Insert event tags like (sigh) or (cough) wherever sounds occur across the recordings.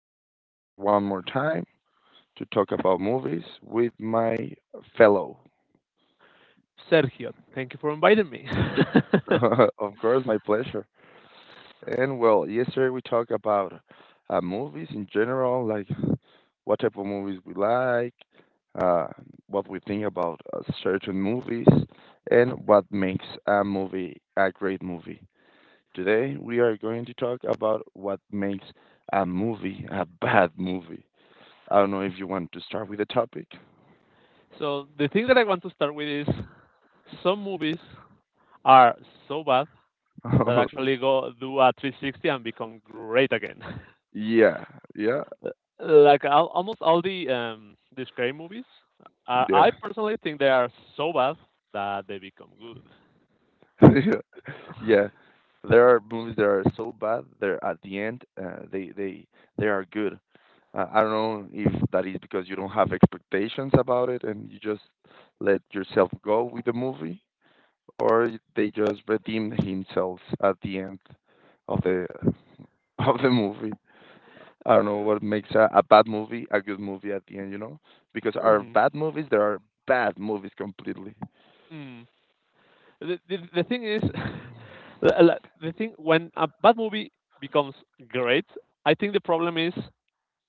We Uh, are here one more time to talk about movies with my fellow. Sergio, thank you for inviting me. (laughs) Of course, my pleasure. And well, yesterday we talked about movies in general, like what type of movies we like, uh, what we think about certain movies, and what makes a movie a great movie. Today we are going to talk about what makes a movie a bad movie. I don't know if you want to start with a topic. (laughs) So the thing that I want to start with is some movies are so bad that actually go do a 360 and become great again. (laughs) Yeah, yeah, (laughs) Like al almost all the scary movies, yeah, I personally think they are so bad that they become good. (laughs) yeah, yeah. There are movies that are so bad. They're at the end. They are good. I don't know if that is because you don't have expectations about it and you just let yourself go with the movie, or they just redeem himself at the end of the (laughs) of the movie. I don't know what makes a bad movie a good movie at the end, you know? Because our Mhm. bad movies, there are bad movies completely. Mm. The thing is, (laughs) the thing when a bad movie becomes great, I think the problem is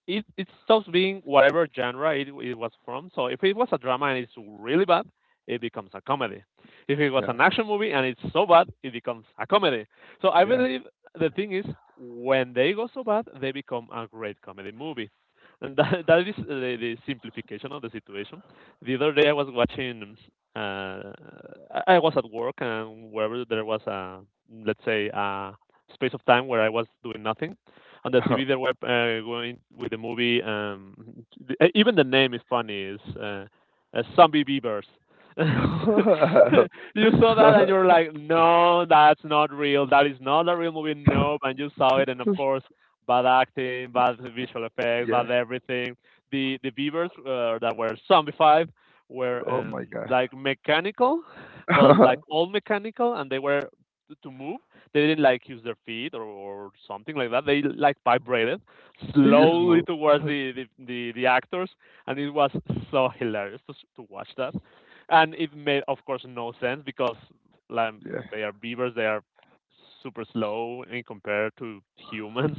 it stops being whatever genre it was from. So if it was a drama and it's really bad, it becomes a comedy. If it was Yeah, an action movie and it's so bad, it becomes a comedy. So I yeah. believe the thing is when they go so bad, they become a great comedy movie. And that is the simplification of the situation. The other day I was watching. Uh, I was at work and wherever there was a, let's say, a space of time where I was doing nothing, on the TV that were going with the movie. Even the name is funny. Is zombie beavers. (laughs) (laughs) You saw that and you're like, no, that's not real. That is not a real movie. No, and you saw it, and of course, bad acting, bad visual effects, Yeah. bad everything. The beavers that were zombified were Oh my god. like mechanical, but like (laughs) all mechanical, and they were to move they didn't like use their feet or something like that. They like vibrated They just slowly move. towards (laughs) the actors, and it was so hilarious to watch that. And it made, of course, no sense because like, Yeah. they are beavers, they are super slow in compared to humans.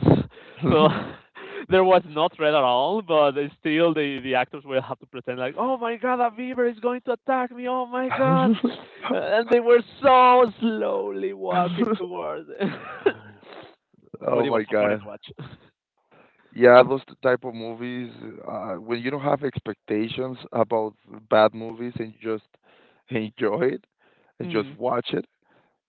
So (laughs) there was no threat at all, but still the actors will have to pretend like, oh my God, a beaver is going to attack me, oh my God, and they were so slowly walking (laughs) towards it. (laughs) But Oh it was my so funny to god. watch. Yeah, those type of movies, when you don't have expectations about bad movies and you just enjoy it and just Mm, watch it.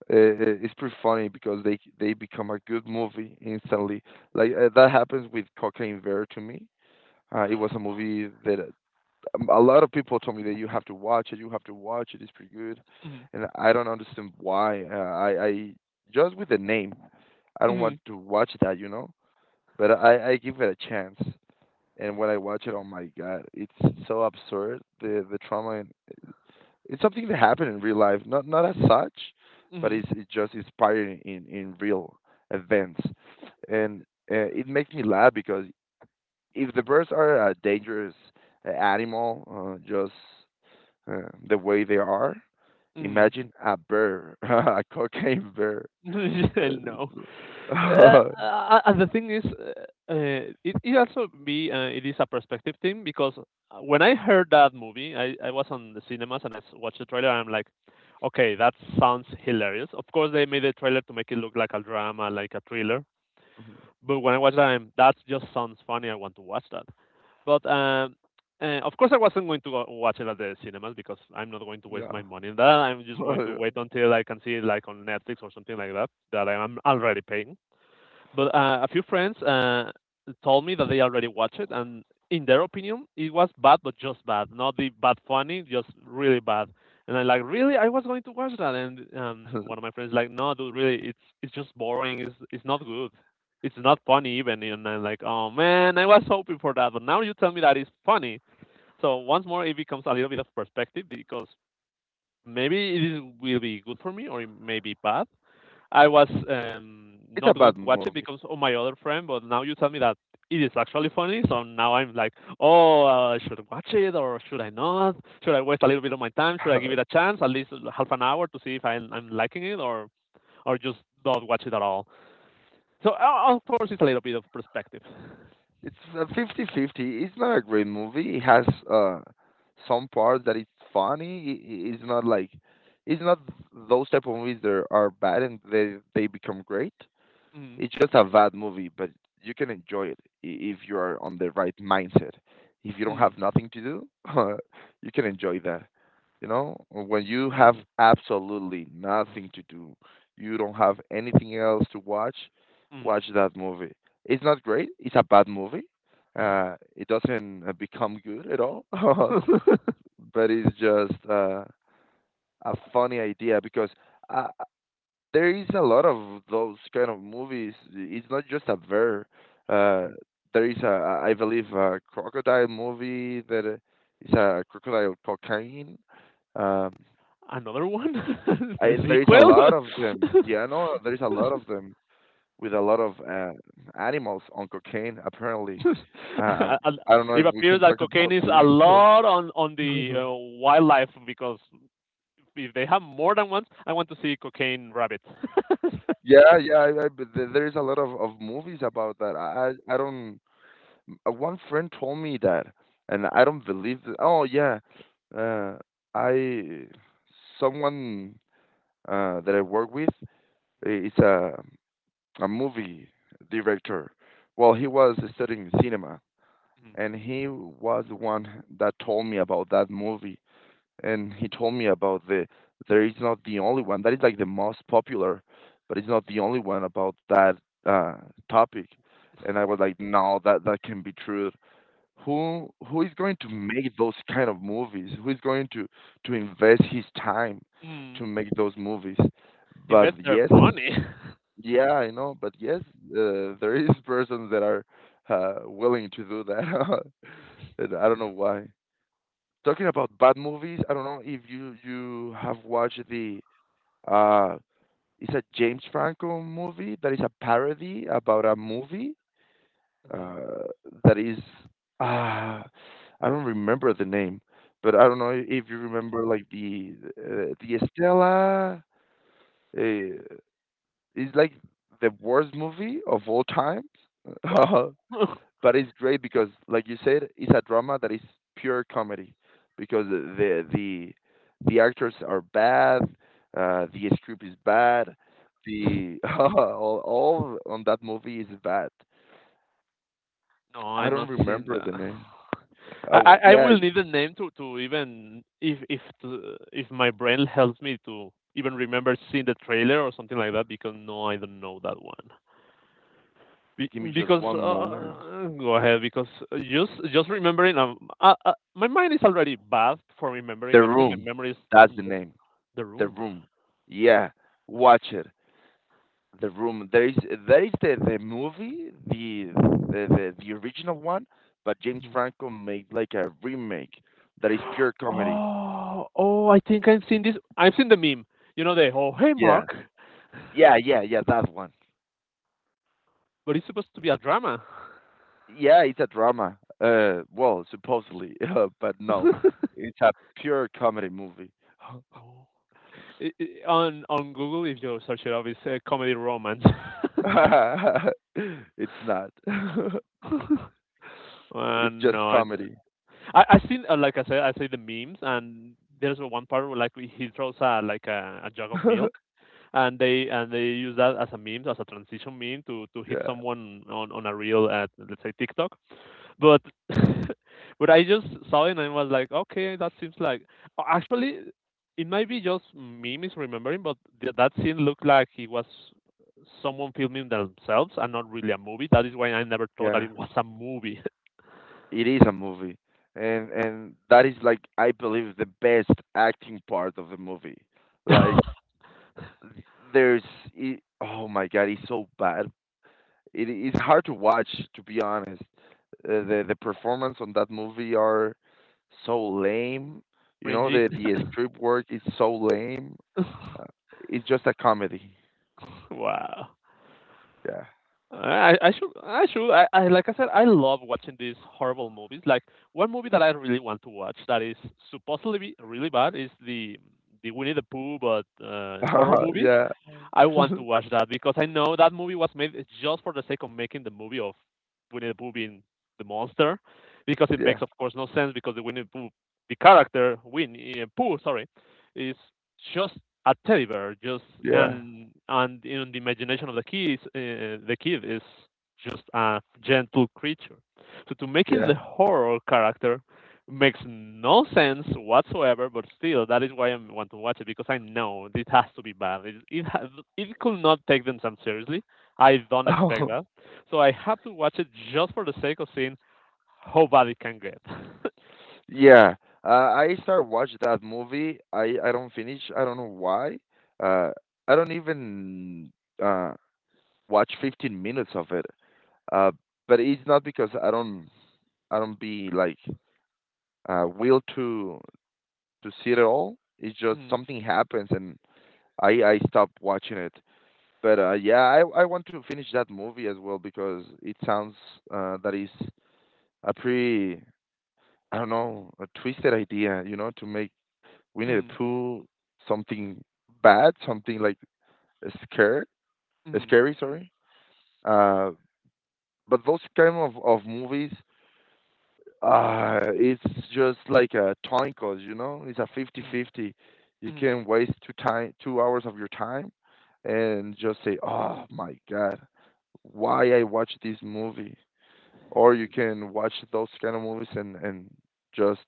It's pretty funny because they become a good movie instantly. Like that happens with Cocaine Bear to me. It was a movie that, a lot of people told me that you have to watch it. You have to watch it. It's pretty good, mm, and I don't understand why. I just with the name, I don't want mm, to watch that. But I give it a chance, and when I watch it, oh my god, it's so absurd. The trauma, it's something that happened in real life, not as such, but mm, it's just inspired in real events, and it makes me laugh because if the birds are a dangerous animal, just the way they are, mm. imagine a bear, (laughs) a cocaine bear. (laughs) Yeah, no. Uh, Uh, (laughs) and the thing is, uh, it also be it is a perspective thing because when I heard that movie, I was on the cinemas and watched the trailer and I'm like, okay, that sounds hilarious. Of course, they made the trailer to make it look like a drama, like a thriller. But when I watched that, that just sounds funny. I want to watch that. But of course, I wasn't going to go watch it at the cinemas because I'm not going to waste my yeah, money on that. I'm just going to wait (laughs) until I can see it like on Netflix or something like that that I am already paying. But a few friends told me that they already watched it, and in their opinion, it was bad, but just bad, not the bad funny, just really bad. And I'm like, really? I was going to watch that, and one of my friends like, no, dude, really, it's just boring. It's not good. It's not funny even. And I'm like, oh man, I was hoping for that, but now you tell me that it's funny. So once more, it becomes a little bit of perspective because maybe it is, will be good for me or it may be bad. I was it's not a going bad to watch it movie. because of my other friend, but now you tell me that it is actually funny, so now I'm like, oh, should I watch it or should I not? Should I waste a little bit of my time? Should I give it (laughs) a chance, at least half an hour, to see if I'm liking it or just not watch it at all? So of course it's a little bit of perspective. It's a 50 fifty. It's not a great movie. It has some parts that it's funny. It's not like it's not those type of movies that are bad and they become great. Mm, It's just a bad movie, but you can enjoy it if you are on the right mindset. If you don't mm, have nothing to do, (laughs) you can enjoy that. You know, when you have mm, absolutely nothing to do, you don't have anything else to watch, mm. watch that movie. It's not great. It's a bad movie. It doesn't become good at all, (laughs) but (laughs) it's just a funny idea because I, there is a lot of those kind of movies. It's not just a bear. Uh, there is I believe, a crocodile movie that is a crocodile cocaine. Um, Another one, (laughs) the there is a sequel. lot of them. Yeah, no, (laughs) there is a lot of them with a lot of animals on cocaine. Apparently, (laughs) uh, And I don't know if it we can appears that talk cocaine about is a this. lot on the (laughs) wildlife because if they have more than once, I want to see cocaine rabbits. (laughs) Yeah, yeah, but there is a lot of movies about that. I don't. One friend told me that, and I don't believe that. Oh yeah, uh, I someone that I work with is a movie director. Well, he Mhm, was studying cinema, mhm. and he was the one that told me about that movie, and he told me about there is not the only one that is like the most popular, but it's not the only one about that uh, topic. And I was like, no, that can be true, who is going to make those kind of movies, who is going to invest his time Mm. to make those movies, but Invest their yes, money. yeah, I know, but yes, (laughs) there is persons that are willing to do that. (laughs) And I don't know why. Talking about bad movies, I don't know if you have watched the, uh it's a James Franco movie that is a parody about a movie (laughs) Mhm. uh, that is uh, I don't remember the name, but I don't know if you remember like the Estela, uh, is like the worst movie of all time, (laughs) Wow. (laughs) but it's great because like you said, it's a drama that is pure comedy because the actors are bad, the script is bad, the (laughs) all on that movie is bad. No, I I'm don't not seeing remember the that. name. I, Oh, I I yeah. will need a name to even if to, if my brain helps me to even remember seeing the trailer or something like that because no, I don't know that one. Give me just Because one moment. Go ahead because just remembering my mind is already bad for remembering The everything my Room. memory is That's in the the name. the The room. Room. Yeah. Watch it. The Room. There is the movie, the original one, but James Mhm. Franco made like a remake that is pure comedy. Oh, I think I've seen this. I've seen the meme. You know, the "oh hey Yeah. Mark"? Yeah, yeah, yeah, that one. But it's supposed to be a drama. Yeah, it's a drama. Well, supposedly, (laughs) but (laughs) no. Oh. It's a pure comedy movie. I, on Google if you search it up, it's a comedy romance. (laughs) (laughs) It's not. (laughs) It's just No, comedy. I seen like I said I see the memes, and there's one part where like he throws a jug of milk, (laughs) and they use that as a meme, as a transition meme to hit Yeah, someone on a real, let's say, TikTok, but (laughs) but I just saw it and I was like, okay, that seems like, actually it might be just me misremembering, but that scene looked like he was someone filming themselves and not really a movie, that is why I never thought that yeah. it was a movie. It is a movie. And that is like I believe the best acting part of the movie. Like (laughs) there's it, oh my god, it's so bad. It is hard to watch, to be honest. The performance on that movie are so lame. You know Cringy. the script work is so lame. Uh, it's just a comedy. Wow. Yeah. I like I said I love watching these horrible movies. Like one movie that I really want to watch that is supposedly be really bad is the Winnie the Pooh but horror (laughs) movie. Yeah, I want to watch that because I know that movie was made just for the sake of making the movie of Winnie the Pooh being the monster, because it makes, yeah, of course, no sense because the Winnie the Pooh, the character Winnie Pooh, sorry, is just a teddy bear, just yeah, and in the imagination of the kids, the kid is just a gentle creature. So to make it the horror character makes no sense whatsoever, but still, that is why I want to watch it because I know it has to be bad. It could not take themselves seriously. I don't expect yeah. that. (laughs) So I have to watch it just for the sake of seeing how bad it can get. Yeah, I start watch that movie. I don't finish. I don't know why. Uh, I don't even uh watch 15 minutes of it. Uh, but it's not because I don't be like will to see it all. It's (laughs) just Mm, something happens and I stop watching it. But yeah, I want to finish that movie as well because it sounds that is a pretty, I don't know, a twisted idea. You know, to make, we need to mm, pull something bad, something like scared, mm, scary, sorry. Uh, but those kind of movies, it's just like a time cost, you know? It's a 50 mm, 50. You mm. can waste 2 hours of your time and just say, oh my God, why I watch this movie. Or you can watch those kind of movies, and, just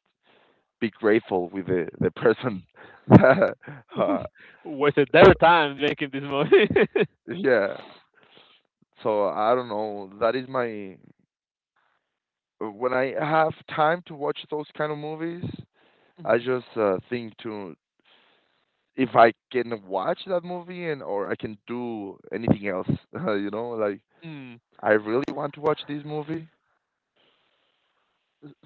be grateful with the person. (laughs) That, uh, (laughs) Wasted their time making this movie. (laughs) yeah. So I don't know. That is my, when I have time to watch those kind of movies, I Mm, just think to, if I can watch that movie and or I can do anything else. (laughs) You know, like mm. I really want to watch this movie.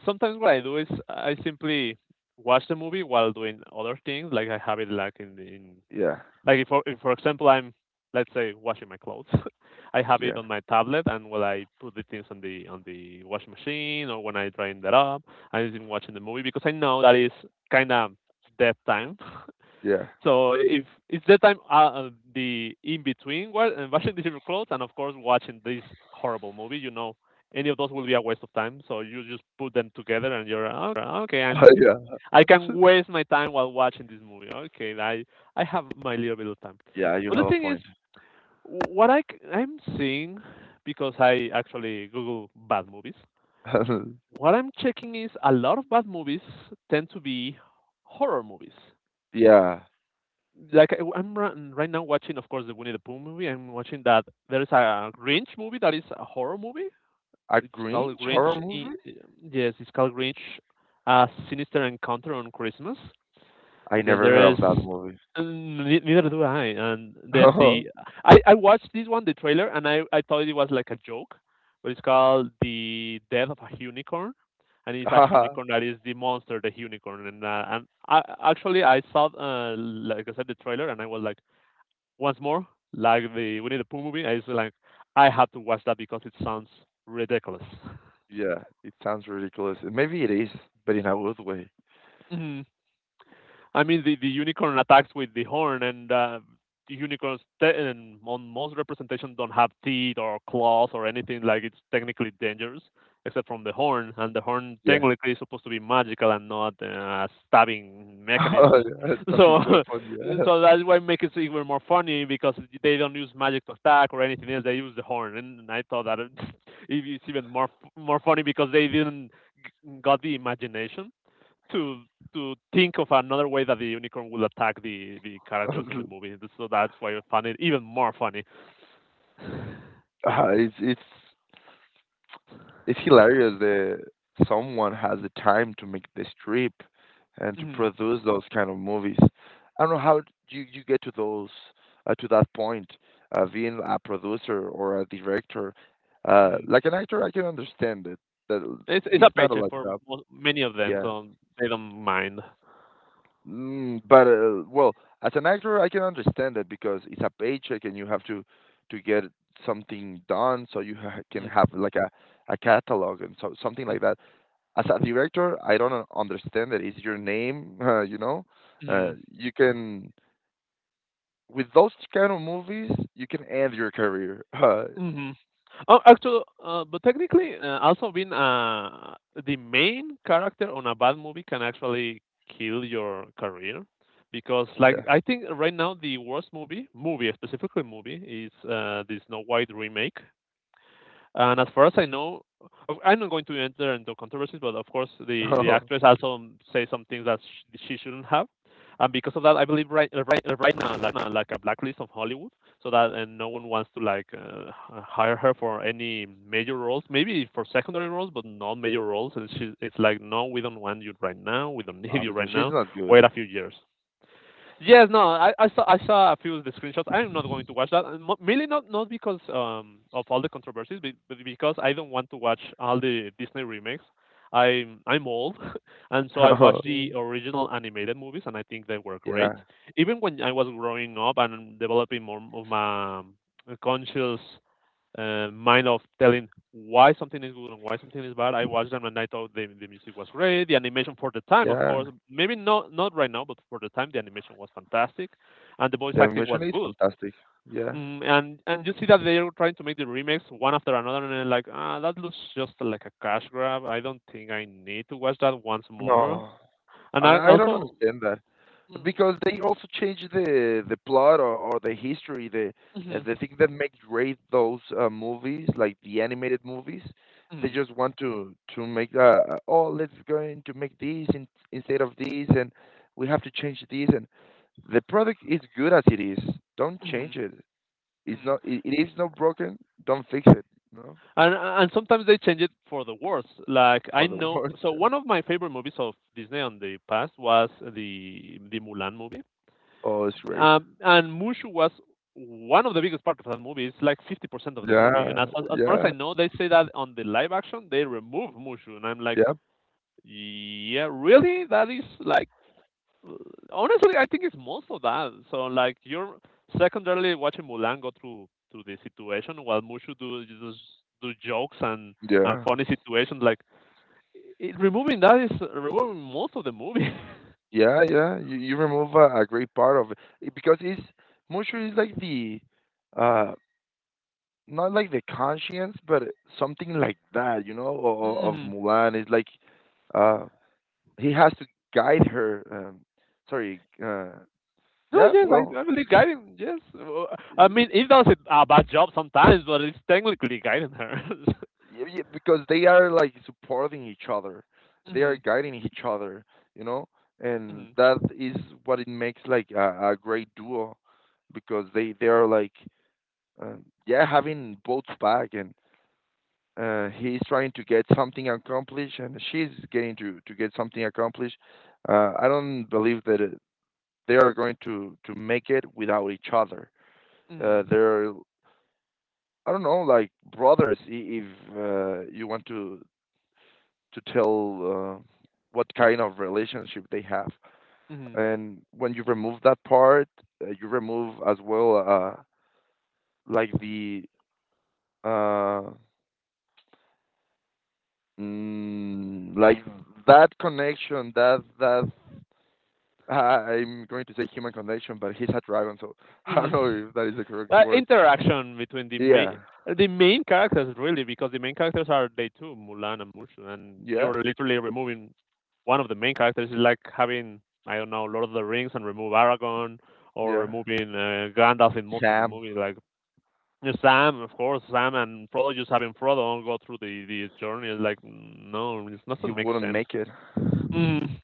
Sometimes what I do is I simply watch the movie while doing other things. Like I have it like in, Yeah, like if for example I'm, let's say, washing my clothes. (laughs) I have it yeah, on my tablet, and when I put the things on the washing machine or when I drain that up, I'm even watching the movie because I know that is kind of dead time. yeah, (laughs) So if it's dead time, the in between, well, and washing (laughs) the different clothes, and of course watching this horrible movie, you know, any of those will be a waste of time, so you just put them together and you're, oh, okay, (laughs) yeah. I can waste my time while watching this movie. Okay, I have my little bit of time. Yeah, you But the have a thing is, point. I'm seeing because I actually Google bad movies. (laughs) What I'm checking is a lot of bad movies tend to be horror movies. Yeah, Like right now watching, of course, the Winnie the Pooh movie. I'm watching that. There is a Grinch movie that is a horror movie. a It's called Grinch Grinch. horror i- movie? Yes, it's called Grinch: A Sinister Encounter on Christmas. I Then never heard there is. of that movie. Mm, neither do I. And then the (laughs) I, I watched this one, the trailer, and I thought it was like a joke, but it's called The Death of a Unicorn, and it's a Haha. unicorn that is the monster, the unicorn. And I actually I saw like I said the trailer, and I was like once more, like the Winnie the Pooh movie. I was like, I have to watch that because it sounds ridiculous. Yeah, it sounds ridiculous. Maybe it is, but in a good way. (laughs) I mean, the unicorn attacks with the horn, and and on most representations don't have teeth or claws or anything. Like it's technically dangerous, except from the horn, and the horn technically is supposed to be magical and not a stabbing Oh, mechanism. (laughs) that So, big weapon, (laughs) yeah. so that's why it makes it even more funny because they don't use magic to attack or anything else. They use the horn, and I thought that (laughs) it's even more more funny because they didn't got the imagination to to think of another way that the unicorn would attack the characters in the (laughs) movie. So that's why I found it even more funny. Uh, It's it's it's hilarious that someone has the time to make this trip and to Hmm. produce those kind of movies. I don't know how you get to those, to that point, being a producer or a director. Hmm. Like an actor, I can understand it. That It's a it's not a paycheck lot for job. Many of them, Yeah. so they don't mind. But well, as an actor, I can understand that because it's a paycheck and you have to get something done, so you ha can Mm-hmm. have like a catalog and so something like that. As a director, I don't understand that. It's your name, (laughs) you know. You can With those kind of movies, you can end your career. (laughs) Hmm. Oh, actually, but technically, also being the main character on a bad movie can actually kill your career because, Yeah. I think right now the worst movie, specifically movie, is the Snow White remake. And as far as I know, I'm not going to enter into controversies, but of course, the actress (laughs) also says some things that she shouldn't have. And because of that, I believe right now, like a blacklist of Hollywood, so that and no one wants to hire her for any major roles. Maybe for secondary roles, but not major roles. And she, it's like, no, we don't want you right now. We don't (laughs) need you Because right she's now. not good. Wait a few years. Yes, no, I saw a few of the screenshots. I'm not going to watch that, and mainly not because of all the controversies, but because I don't want to watch all the Disney remakes. I'm old, (laughs) and so I watched (laughs) the original animated movies, and I think they were great. Yeah. Even when I was growing up and developing more of my conscious mind of telling why something is good and why something is bad. I watched them and I thought the music was great. The animation for the time, of Yeah. course, maybe not right now, but for the time, the animation was fantastic, and the voice The acting animation was is good. fantastic. Yeah. Mm, and you see that they are trying to make the remakes one after another, and I'm like, ah, that looks just like a cash grab. I don't think I need to watch that once more. No. And I I don't also. understand that, Mm. because they also change the plot, or the history, the uh, Mhm. the thing that makes great those movies like the animated movies. They Mhm. just want to make oh, let's going to make this instead of this, and we have to change this, and the product is good as it is. Don't change Mhm. it. It's Mhm. not, it it is not broken. Don't fix it. No, And sometimes they change it for the worse. Like I for the know, world. so one of my favorite movies of Disney on the past was the Mulan movie, (laughs) Oh, it's great. And Mushu was one of the biggest part of that movie. It's like 50% of the movie, and Yeah, as far as I yeah, know, they say that on the live action they remove Mushu, and I'm like, yeah, yeah, really? That is like honestly, I think it's most of that. So like you're secondarily watching Mulan go through the situation while Mushu do just do jokes and yeah. funny situations. Like it, removing that is removing most of the movie. (laughs) Yeah, yeah. You remove a great part of it. Because it's, moisture is like the, uh not like the conscience, but something like that, of Hmm. Mulan. It's like, uh he has to guide her. Sorry. No, Yeah. yes, Well, I believe guiding. Yes, I y- mean it does it a bad job sometimes, but it's technically guiding her. (laughs) Because they are like supporting each other, they are Mm-hmm. guiding each other, you know, and Mm-hmm. that is what it makes like a great duo because they are like uh, yeah, having both back, and he's trying to get something accomplished, and she's getting to get something accomplished. I don't believe that they are going to make it without each other. Mm-hmm. Uh, they're, I don't know, like brothers, if you want to tell what kind of relationship they have. And when you remove that part, you remove as well like Uh, like that connection, that I'm going to say human connection, but he's a dragon, so (laughs) I Mm-hmm. don't know if that is the correct word. interaction between Yeah, the main characters really because the main characters are they two, Mulan and Mushu, and yeah, you're literally removing one of the main characters is like having, I don't know, Lord of the Rings and remove Aragon, or yeah. removing Gandalf in most of the Sam, movies like, yeah, Sam, of course. Sam and Frodo, just having Frodo go through the journey is like no, it he doesn't make wouldn't sense. make it. (laughs) Mm.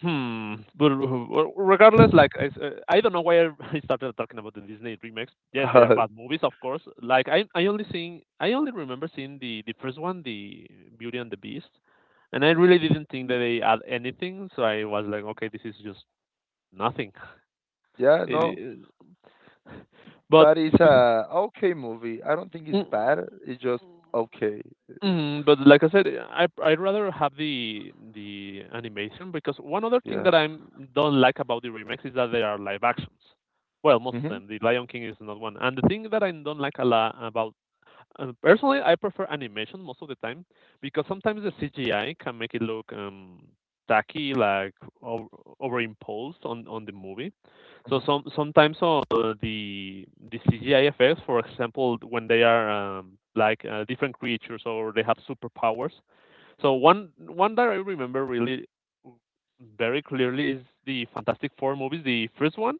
Hmm. But regardless, I don't know why I (laughs) I started talking about the Disney remakes. Yes, they are Uh, bad movies, of course. Like I only remember seeing the first one, the Beauty and the Beast, and I really didn't think that they add anything. So I was like, okay, this is just nothing. (laughs) yeah, no, It- uh, but that is the- a okay movie. I don't think it's mm. bad. It's just okay. Mhm, but like I said, I'd rather have the animation because one other thing Yeah. that I don't like about the remakes is that they are live actions. Well, most of Mhm. them. The Lion King is not one. And the thing that I don't like a lot about, personally, I prefer animation most of the time because sometimes the CGI can make it look tacky, like over, overimposed on the movie. So Mhm. Sometimes the CGI effects, for example, when they are like different creatures or they have superpowers. So one that I remember really very clearly is the Fantastic Four movies, the first one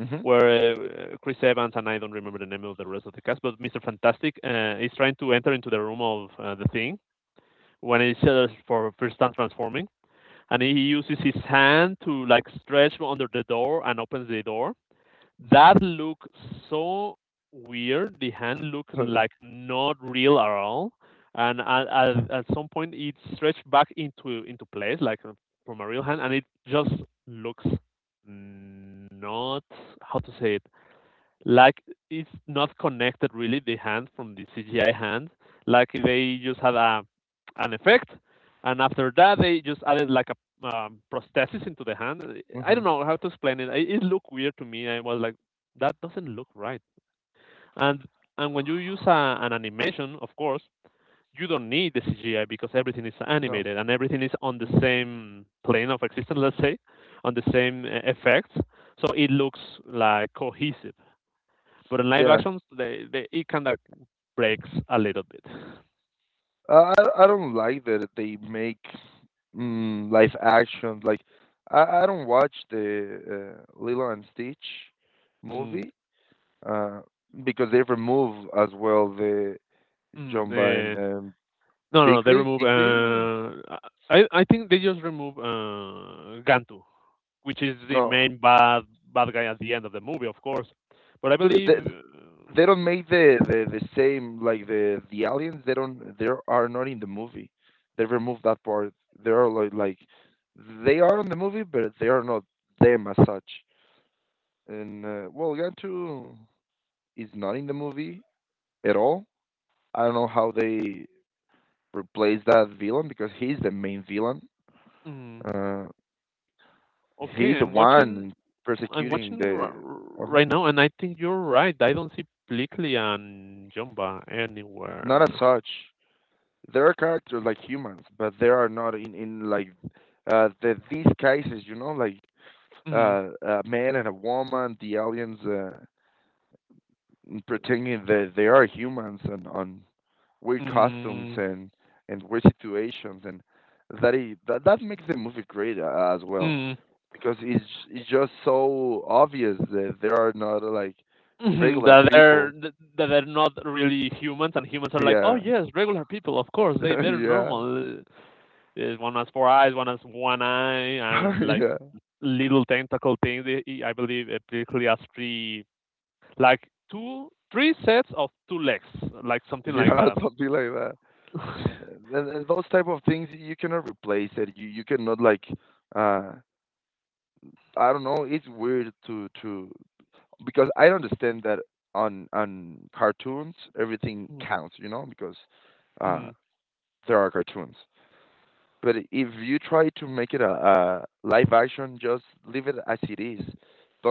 Mhm. where Chris Evans and I don't remember the name of the rest of the cast, but Mr. Fantastic is trying to enter into the room of the thing when he says for first time transforming, and he uses his hand to like stretch under the door and opens the door. That looked so weird. The hand looked Mhm. like (laughs) not real at all, and at some point it stretched back into place like from a real hand, and it just looks not, how to say it, like it's not connected really the hand from the CGI hand. Like they just had a an effect, and after that they just added like a prosthesis into the hand. I mhm. don't know how to explain it. It looked weird to me. I was like, that doesn't look right. And and when you use a, an animation, of course, you don't need the CGI because everything is No. animated and everything is on the same plane of existence, let's say, on the same effects. So it looks like cohesive. But in live Yeah. actions, they it kind of breaks a little bit. I don't like that they make live action. Like I don't watch the Lilo and Stitch Mm. movie uh, because they remove as well the Mm. Jumba and Eh, no, no, they Piggly. remove. Piggly? I think they just remove Gantu, which is the No, main bad guy at the end of the movie, of course. But I but believe. They don't make the same like the aliens. They don't. They are not in the movie. They remove that part. They are like they are in the movie, but they are not them as such. And well, Gantu is not in the movie at all. I don't know how they replace that villain because he's the main villain. Mm, Uh, he's okay, the I'm watching. one I'm persecuting watching the. uh right now, and I think you're right. I don't see Plickly and Jumba Not as anywhere. such. There are characters like humans, but they are not in in like these cases. You know, like Mm. A man and a woman, the aliens. And pretending that they are humans and on weird Mm. costumes and weird situations and that makes the movie great as well Mm. because it's just so obvious that they are not like Mhm, regular that they're people. That they're not really humans, and humans are like, oh Yeah, yes, regular people, of course, they they're (laughs) yeah, normal. One has four eyes, one has one eye, and (laughs) like yeah, little tentacle things. I believe it basically has three, like two, three sets of two legs, like something like yeah, that. something like that. (laughs) And those type of things you cannot replace it. You cannot like uh I don't know. It's weird to because I understand that on cartoons everything counts, you know, because uh, Mm. there are cartoons. But if you try to make it a live action, just leave it as it is.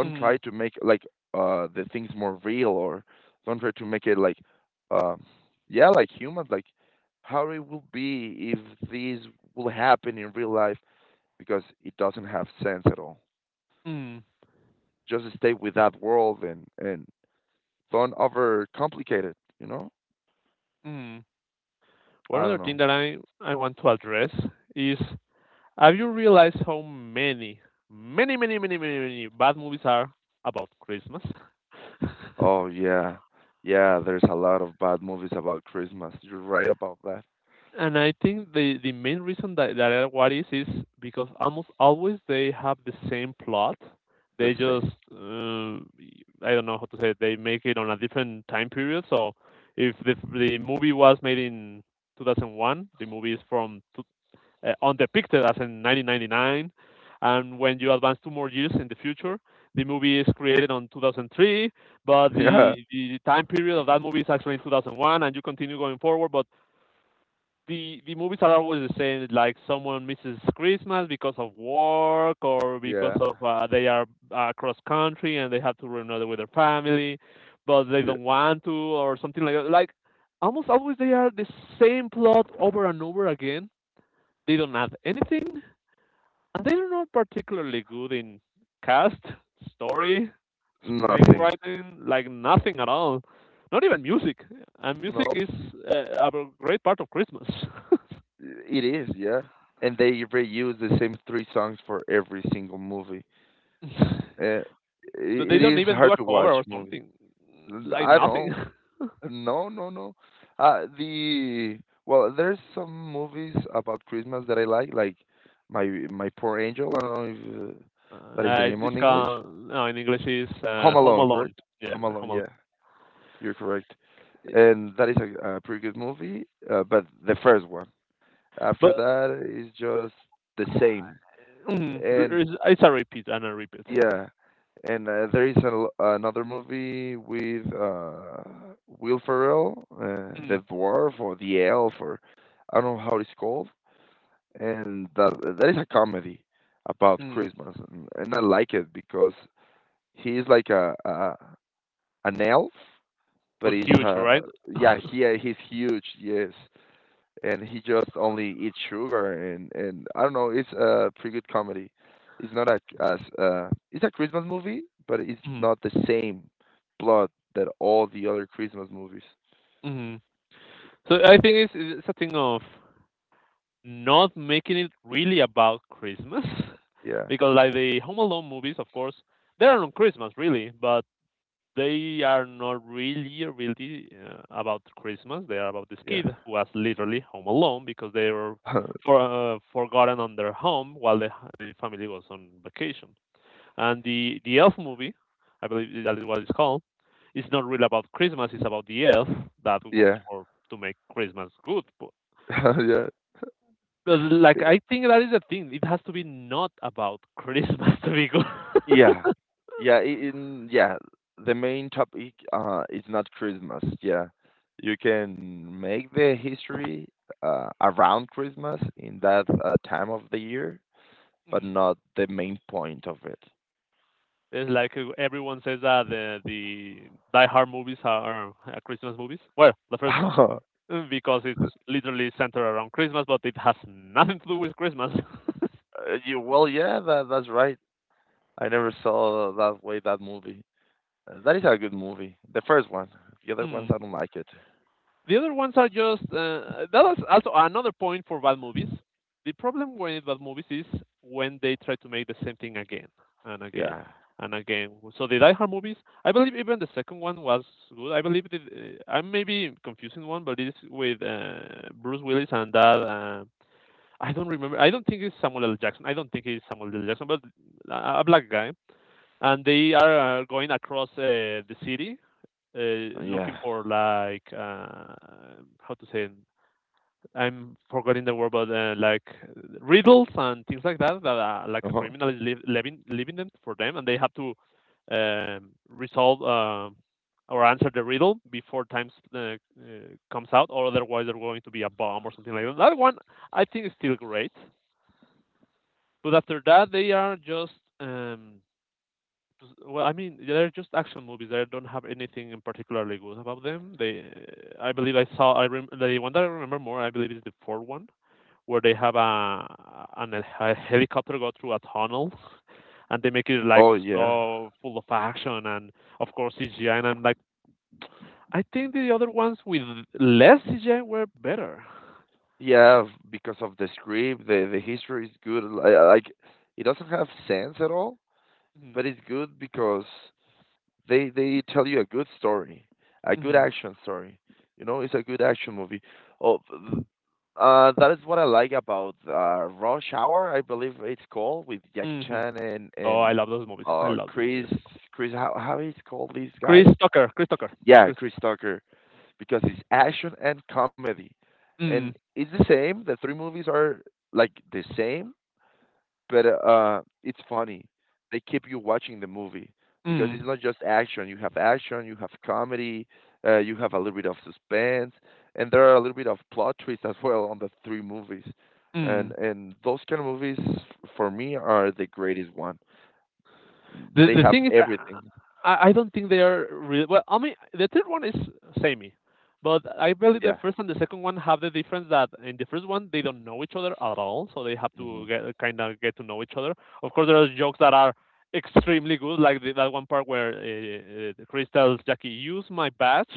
Mm. try Mm. to make like the things more real, or don't try to make it like uh, yeah, like human, like how it will be if this will happen in real life, because it doesn't have sense at all. Mm. Just stay with that world and don't overcomplicate it, you know? Mm. One other I don't thing know. that I want to address is, have you realized how many, many, many, many, many, many bad movies are about Christmas? (laughs) Oh yeah. Yeah, there's a lot of bad movies about Christmas. You're right about that. And I think the main reason that, that are what is because almost always they have the same plot. The They same. just I don't know how to say it. They make it on a different time period. So if the movie was made in 2001, the movie is from on depicted as in 1999. And when you advance two more years in the future, the movie is created on 2003, but (laughs) Yeah. The time period of that movie is actually in 2001, and you continue going forward. But the movies are always the same, like someone misses Christmas because of work or because Yeah. of they are cross country and they have to reunite with their family, but they Yeah. don't want to or something like that. Like almost always they are the same plot over and over again. They don't add anything and they're not particularly good in cast, story, Nothing. screenwriting, like nothing at all. Not even music. And music Nope. is a great part of Christmas. (laughs) It is, yeah. And they reuse the same three songs for every single movie. Uh, i- But they it don't is even do hard a to cover watch or movie. something. Like I don't nothing. know. (laughs) No, no, no. The well, there's some movies about Christmas that I like my Poor Angel. I don't know if that is the name it's on English. called, no, in English, is Home Home Alone, Alone. correct? Yeah, Home Alone. Home Yeah, you're correct. Alone. And that is a pretty good movie, but the first one. But After that is just the same. uh, mm, And it's a repeat and a repeat. yeah, and there is a, l- another movie with Will Ferrell, Mm. the dwarf or the elf, or I don't know how it's called, and that is a comedy about Mm, Christmas, and I like it because he is like a an elf, but but he's huge, uh right? yeah he's huge, yes, and he just only eats sugar and I don't know. It's a pretty good comedy. It's not a, as it's a Christmas movie, but it's Mm. not the same plot that all the other Christmas movies. Mm. So I think it's a thing of not making it really about Christmas, Yeah, (laughs) because like the Home Alone movies, of course, they are on Christmas really, but they are not really, really about Christmas. They are about this yeah, kid who was literally home alone because they were (laughs) for, forgotten on their home while the family was on vacation. And the Elf movie, I believe that is what it's called, it's not really about Christmas. It's about the elf that works yeah, for to make Christmas good. (laughs) yeah, But, like, I think that is the thing. It has to be not about Christmas (laughs) to be good. yeah, (laughs) yeah. In yeah, the main topic is not Christmas. Yeah, you can make the history around Christmas in that time of the year but Mhm. not the main point of it. It's like everyone says that the Die Hard movies are Christmas movies. Well, the first one, (laughs) because it's literally centered around Christmas, but it has (laughs) nothing to do with Christmas. (laughs) You, well, yeah, that, that's right. I never saw that way that movie. That is a good movie. The first one. The other ones Mm. I don't like it. The other ones are just that was also another point for bad movies. The problem with bad movies is when they try to make the same thing again and again Yeah, and again. So the Die Hard movies, I believe even the second one was good. I believe that, I may be confusing one, but it's with Bruce Willis and that. I don't remember. I don't think it's Samuel L. Jackson. I don't think it's Samuel L. Jackson, but a black guy. And they are going across the city looking yeah. for like how to say it? I'm forgetting the word, but like riddles and things like that that like a Uh-huh. criminal is living living them for them, and they have to resolve or answer the riddle before comes out, or otherwise they're going to be a bomb or something like that. That one I think is still great, but after that they are just um, they're just action movies. I don't have anything in particularly good about them. I believe I saw. The one that I remember more, I believe, is the fourth one, where they have a an a helicopter go through a tunnel, and they make it like Oh yeah, so full of action and of course CGI. And I'm like, I think the other ones with less CGI were better. yeah. Because of the script, the history is good. Like it doesn't have sense at all, Mhm, but it's good because they tell you a good story, a good mhm, action story. You know, it's a good action movie. Oh, th- that is what I like about Rush Hour. I believe it's called with Jackie mhm. Chan and Oh, I and love those movies. I uh love those Chris movies. Chris how is called this Chris guy? Tucker. Chris Tucker. Yeah, Chris Chris Tucker. Tucker because it's action and comedy, and Mm, it's the same. The three movies are like the same, but it's funny. They keep you watching the movie because mm, it's not just action. You have action, you have comedy, you have a little bit of suspense, and there are a little bit of plot twists as well on the three movies. And mm. and those kind of movies for me are the greatest one. The They the have thing is, everything. I don't think they are really well. I mean, the third one is samey, but I believe the Yeah. first and the second one have the difference that in the first one they don't know each other at all, so they have to hmm get kind of get to know each other. Of course, there are jokes that are extremely good, like that one part where Chris tells Jackie, "Use my badge,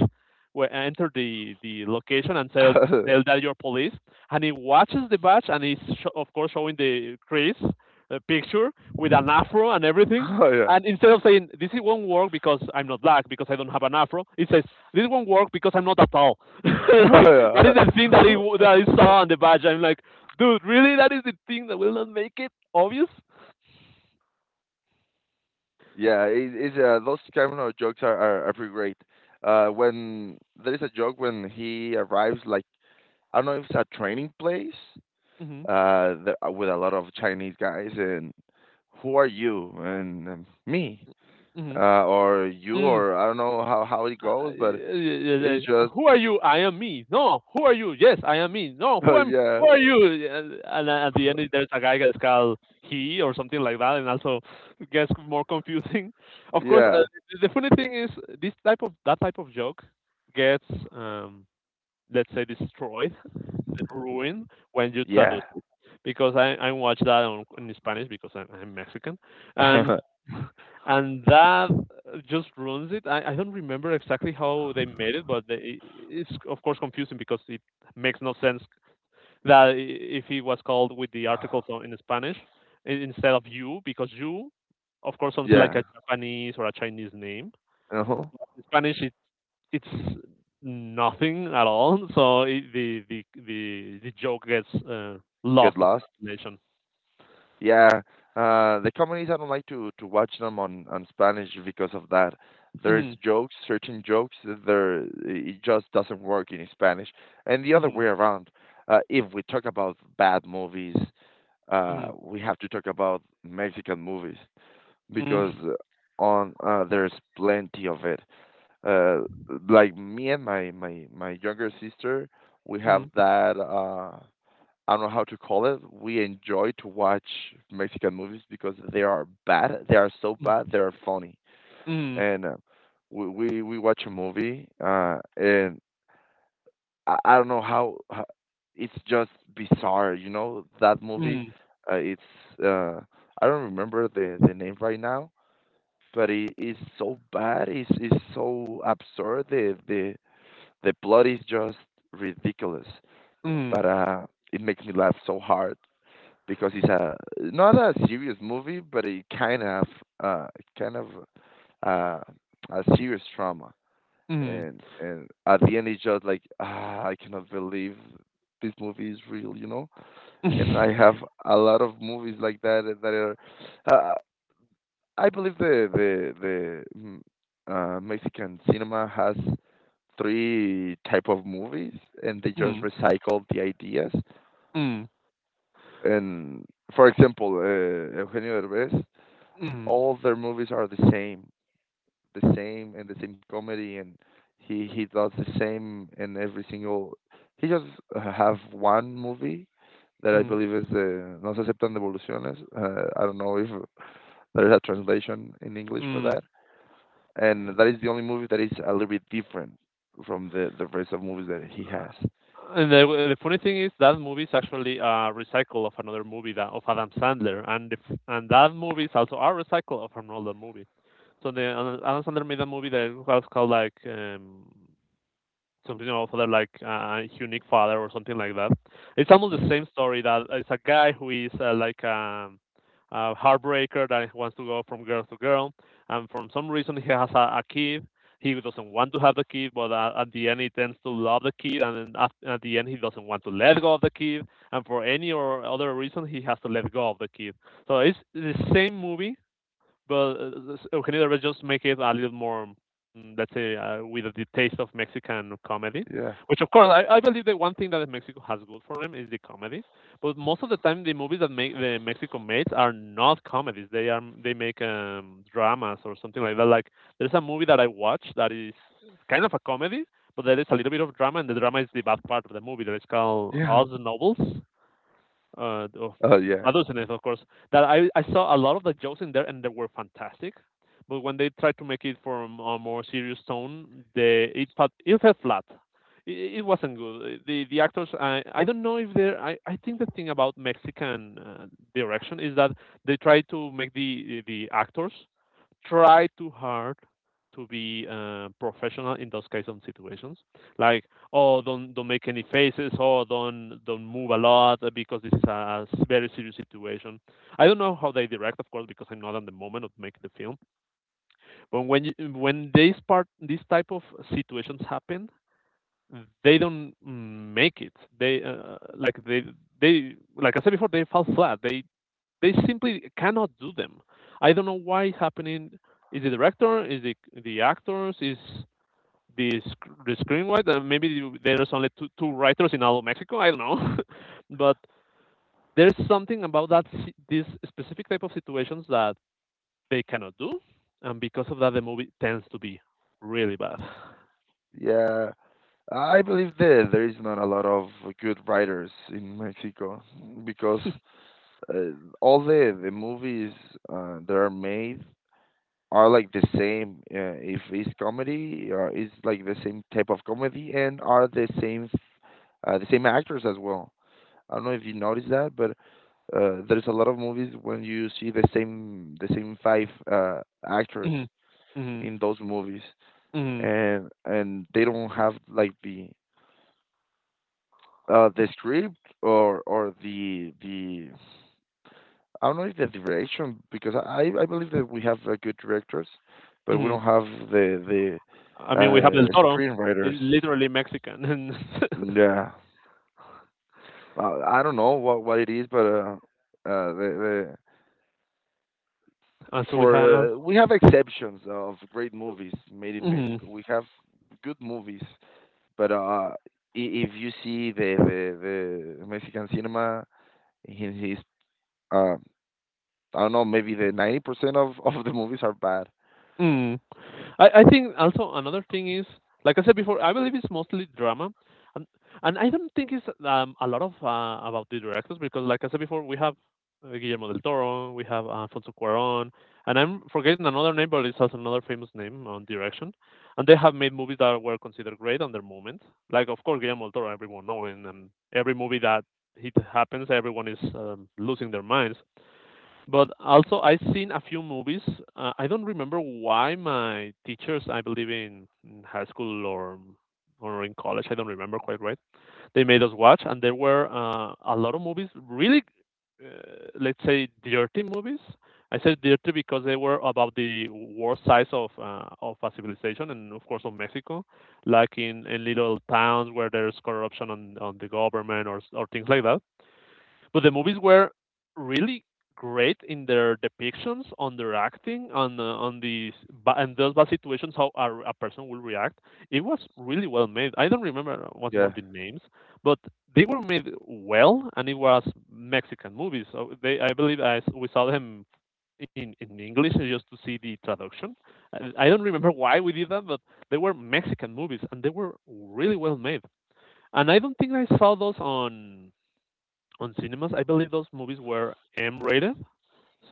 where enter the location and (laughs) tell oh tell that you're police." And he watches the badge and of course showing the Chris picture with an afro and everything. yeah. And instead of saying this won't work because I'm not black because I don't have an afro, it says this won't work because I'm not at all. (laughs) Like, that is (laughs) the thing Oh yeah. (laughs) that he saw on the badge. I'm like, dude, really? That is the thing that will not make it obvious. Yeah, it's those kind of jokes are pretty great. When there is a joke when he arrives like I don't know if it's a training place Mm-hmm. With a lot of Chinese guys. And who are you? And me, Mm-hmm. Or you, Mm. or I don't know how it goes, but Yeah, yeah, yeah. it's just Who are you? I am me. No, who are you? Yes, I am me. No, who (laughs) am? yeah, Who are you? And at the end, there's a guy that's called he or something like that, and also it gets more confusing. (laughs) Of course, yeah, the funny thing is this type of that type of joke gets, um, let's say, destroyed, (laughs) ruined when you yeah, traduce because I watch that in Spanish because I'm Mexican, and (laughs) (laughs) and that just ruins it. I don't remember exactly how they made it, but they, it's of course confusing because it makes no sense that if it was called with the articles in Spanish instead of you, because you, of course, sounds like yeah. a Japanese or a Chinese name. Uh-huh. In Spanish, it, it's nothing at all, so it, the, the the joke gets Get lost on lost. translation. Yeah, the comedies I don't like to watch them on Spanish because of that. There's jokes, certain jokes that there it just doesn't work in Spanish, and the other Mhm, way around. If we talk about bad movies, mhm. we have to talk about Mexican movies Hmm. because on there's plenty of it. Uh, like me and my younger sister, we have Mhm. that. I don't know how to call it. We enjoy to watch Mexican movies because they are bad. They are so bad. They are funny, Hmm. and we watch a movie, and I don't know how, how. It's just bizarre, you know. That movie, Hmm. It's uh, I don't remember the name right now, but it is so bad. It's so absurd. The plot is just ridiculous, Hmm. but it makes me laugh so hard because it's a not a serious movie, but it kind of uh kind of uh a serious trauma, Hmm. And at the end it's just like ah I cannot believe this movie is real, you know. And Hmm. I have a lot of movies like that that are. Uh, I believe the Mexican cinema has three type of movies, and they just Hmm. recycle the ideas. Hmm. And for example, Eugenio Derbez Hmm. all their movies are the same and the same comedy, and he does the same in every single. He just have one movie that I Mhm, believe is the No se aceptan devoluciones. I don't know if there's a translation in English for mm. that, and that is the only movie that is a little bit different from the rest of movies that he has. And the funny thing is that movie is actually a recycle of another movie that of Adam Sandler, and the f and that movie is also a recycle of another movie. So the Adam Sandler made a movie that was called like something also that like unique father or something like that. It's almost Mm. the same story that it's a guy who is like a heartbreaker that wants to go from girl to girl, and for some reason he has a kid. He doesn't want to have the kid, but at the end he tends to love the kid, and at the end he doesn't want to let go of the kid, and for any or other reason he has to let go of the kid. So it's the same movie, but Eugenio Derbez just make it a little more, let's say, with the taste of Mexican comedy. Yeah, Which, of course, I believe that one thing that Mexico has good for them is the comedy. But most of the time, the movies that make the Mexico makes are not comedies. They are they make dramas or something like that. Like there's a movie that I watched that is kind of a comedy, but there is a little bit of drama, and the drama is the bad part of the movie. That is called yeah. Oz (laughs) Nobles of Oh yeah. adolescents, of course, that I saw a lot of the jokes in there and they were fantastic. But when they tried to make it from a more serious tone, they, it felt flat. It wasn't good. The actors, I don't know if they're. I think the thing about Mexican direction is that they try to make the actors try too hard to be professional in those kinds of situations like oh don't make any faces or don't move a lot because this is a very serious situation. I don't know how they direct of course because I'm not at the moment of making the film, but when these type of situations happen they don't make it. they uh, like they they, like I said before, they fall flat. They simply cannot do them. I don't know why it's happening. Is the director, is the actors, is the the screenwriter? And Maybe there's only two writers in all of Mexico. I don't know, (laughs) but there's something about these specific type of situations that they cannot do, and because of that, the movie tends to be really bad. Yeah, I believe that there is not a lot of good writers in Mexico because (laughs) uh, all the movies that are made are like the same. If it's comedy, it's like the same type of comedy and are the same actors as well. I don't know if you noticed that, but there's a lot of movies when you see the same five actors Hmm. Hmm. in those movies, Hmm. And they don't have like the script or the I don't know if the direction because I believe that we have good directors, but we Hmm. don't have the I mean, we have Del Toro, is screenwriters. literally Mexican, (laughs) Yeah, I don't know what it is, but uh, the, the and so we have. for we have exceptions of great movies made in Hmm. Mexico. We have good movies, but if you see the Mexican cinema in his uh, I don't know, maybe the 90% of the movies are bad. I think also another thing is, like I said before, I believe it's mostly drama, and and I don't think it's a lot of about the directors because, like I said before, we have Guillermo del Toro, we have Alfonso Cuarón, and I'm forgetting another name, but it's also another famous name on direction, and they have made movies that were considered great on their moment. Like of course Guillermo del Toro, everyone knowing, and every movie that it happens, everyone is losing their minds. But also, I've seen a few movies. I don't remember why my teachers, I believe in high school or in college, I don't remember quite right. They made us watch, and there were a lot of movies, really, let's say, dirty movies. I said dirty because they were about the war size of a civilization, and of course of Mexico, like in little towns where there's corruption on the government or or things like that, but the movies were really great in their depictions, on their acting, on these and those bad situations how a person will react. It was really well made. I don't remember once more Yeah. the names, but they were made well, and it was Mexican movies. So they, I believe, I s we saw them in English just to see the traduction. I, I don't remember why we did that, but they were Mexican movies, and they were really well made. And I don't think I saw those on cinemas. I believe those movies were M-rated,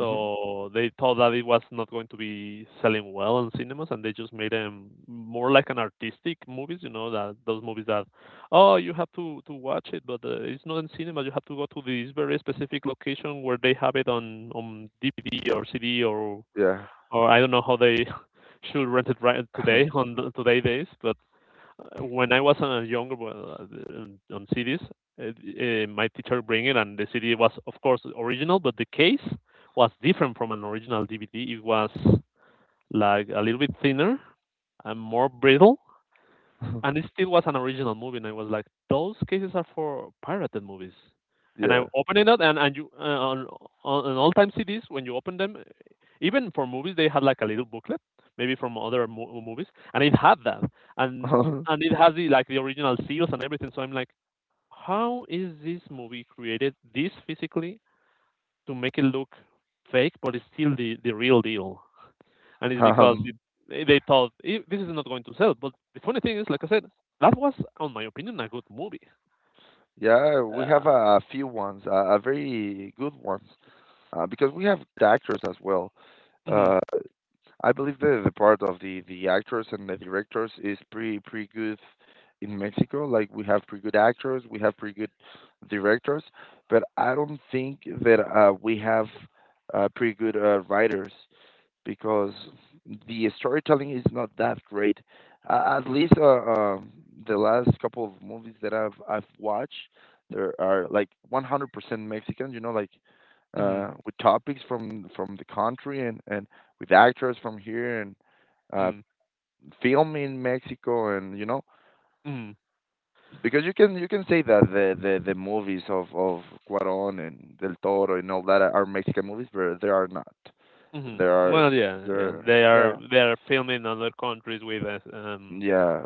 Mhm. they thought that it was not going to be selling well in cinemas, and they just made them more like an artistic movies. You know that those movies that, oh, you have to watch it, but it's not in cinema. You have to go to this very specific location where they have it on DVD or CD Yeah. or I don't know how they (laughs) should rent it right today (laughs) on the, today days, but when I was a younger well, on CDs, my teacher bring it, and the CD was of course original, but the case was different from an original DVD. It was like a little bit thinner and more brittle, and it still was an original movie, and I was like, those cases are for pirated movies. And I Yeah. opened it up, and you on all time CDs when you open them, even for movies they had like a little booklet, maybe from other movies, and it had that, and (laughs) it has the like the original seals and everything. So I'm like, how is this movie created this physically to make it look fake, but it's still the real deal? And it's because Um, it, they thought "Eh, this is not going to sell." But the funny thing is, like I said, that was, on my opinion, a good movie. yeah, we have Uh, a few ones, a very good ones, because we have the actors as well. mhm, Uh, I believe the part of the actors and the directors is pretty pretty good in Mexico. Like we have pretty good actors, we have pretty good directors, but I don't think that we have pretty good writers. Because the storytelling is not that great. At least um the last couple of movies that I've watched, there are like 100% Mexican. You know, like mhm, with topics from the country and with actors from here and uh, mm, film in Mexico and you know mhm, because you can say that the movies of Cuarón and Del Toro and all that are Mexican movies, but they are not. mhm. There are Well, yeah, yeah, there yeah they are filming in other countries with us. Yeah,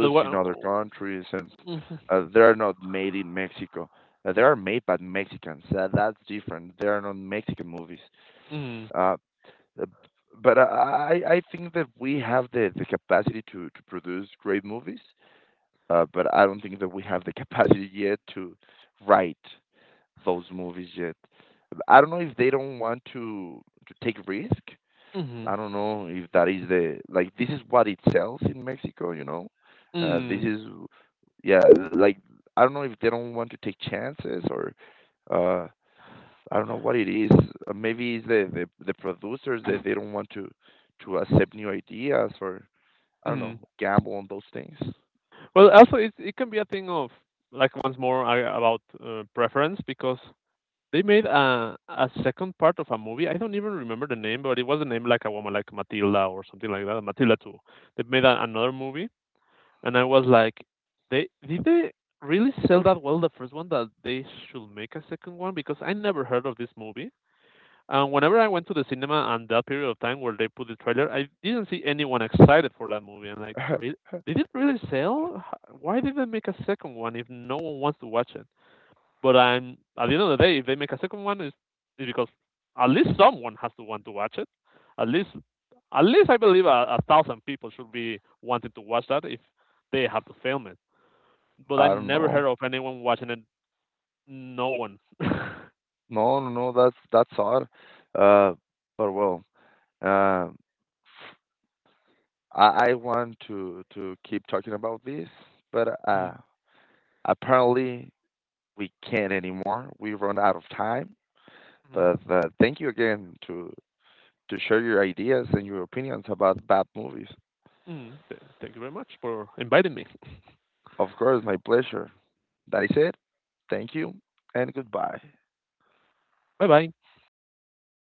But in wha- other countries, and mhm, they are not made in Mexico. They are made by Mexicans. That's different. They are not Mexican movies. mhm, Uh, uh, but I think that we have the capacity to produce great movies, but I don't think that we have the (laughs) capacity yet to write those movies yet. I don't know if they don't want to take risk mhm, I don't know if that is the like this is what it sells in Mexico, you know. This mm, is yeah, like I don't know if they don't want to take chances or uh, I don't know what it is. Maybe it's the producers that they don't want to accept new ideas or I don't know mhm. gamble on those things. Well, also it can be a thing of like once more about preference because they made a second part of a movie. I don't even remember the name, but it was a name like a woman, like Matilda or something like that. Matilda 2. They made another movie, and I was like, they did they really sell that well the first one that they should make a second one because I never heard of this movie. And whenever I went to the cinema and that period of time where they put the trailer, I didn't see anyone excited for that movie. And (laughs) like, I really, did it really sell? Why did they make a second one if no one wants to watch it? But I'm at the end of the day, if they make a second one, is because at least someone has to want to watch it. At least, at least I believe 1,000 people should be wanting to watch that if they have to film it. But I don't never know. heard of anyone watching it. No one. (laughs) No, no, no. That's odd. Uh, but well, uh, I I want to keep talking about this, but Mhm, apparently, we can't anymore. We run out of time. mhm, But thank you again to share your ideas and your opinions about bad movies. mhm. Thank you very much for inviting me. Of course, my pleasure. That is it. Thank you and goodbye. Bye bye.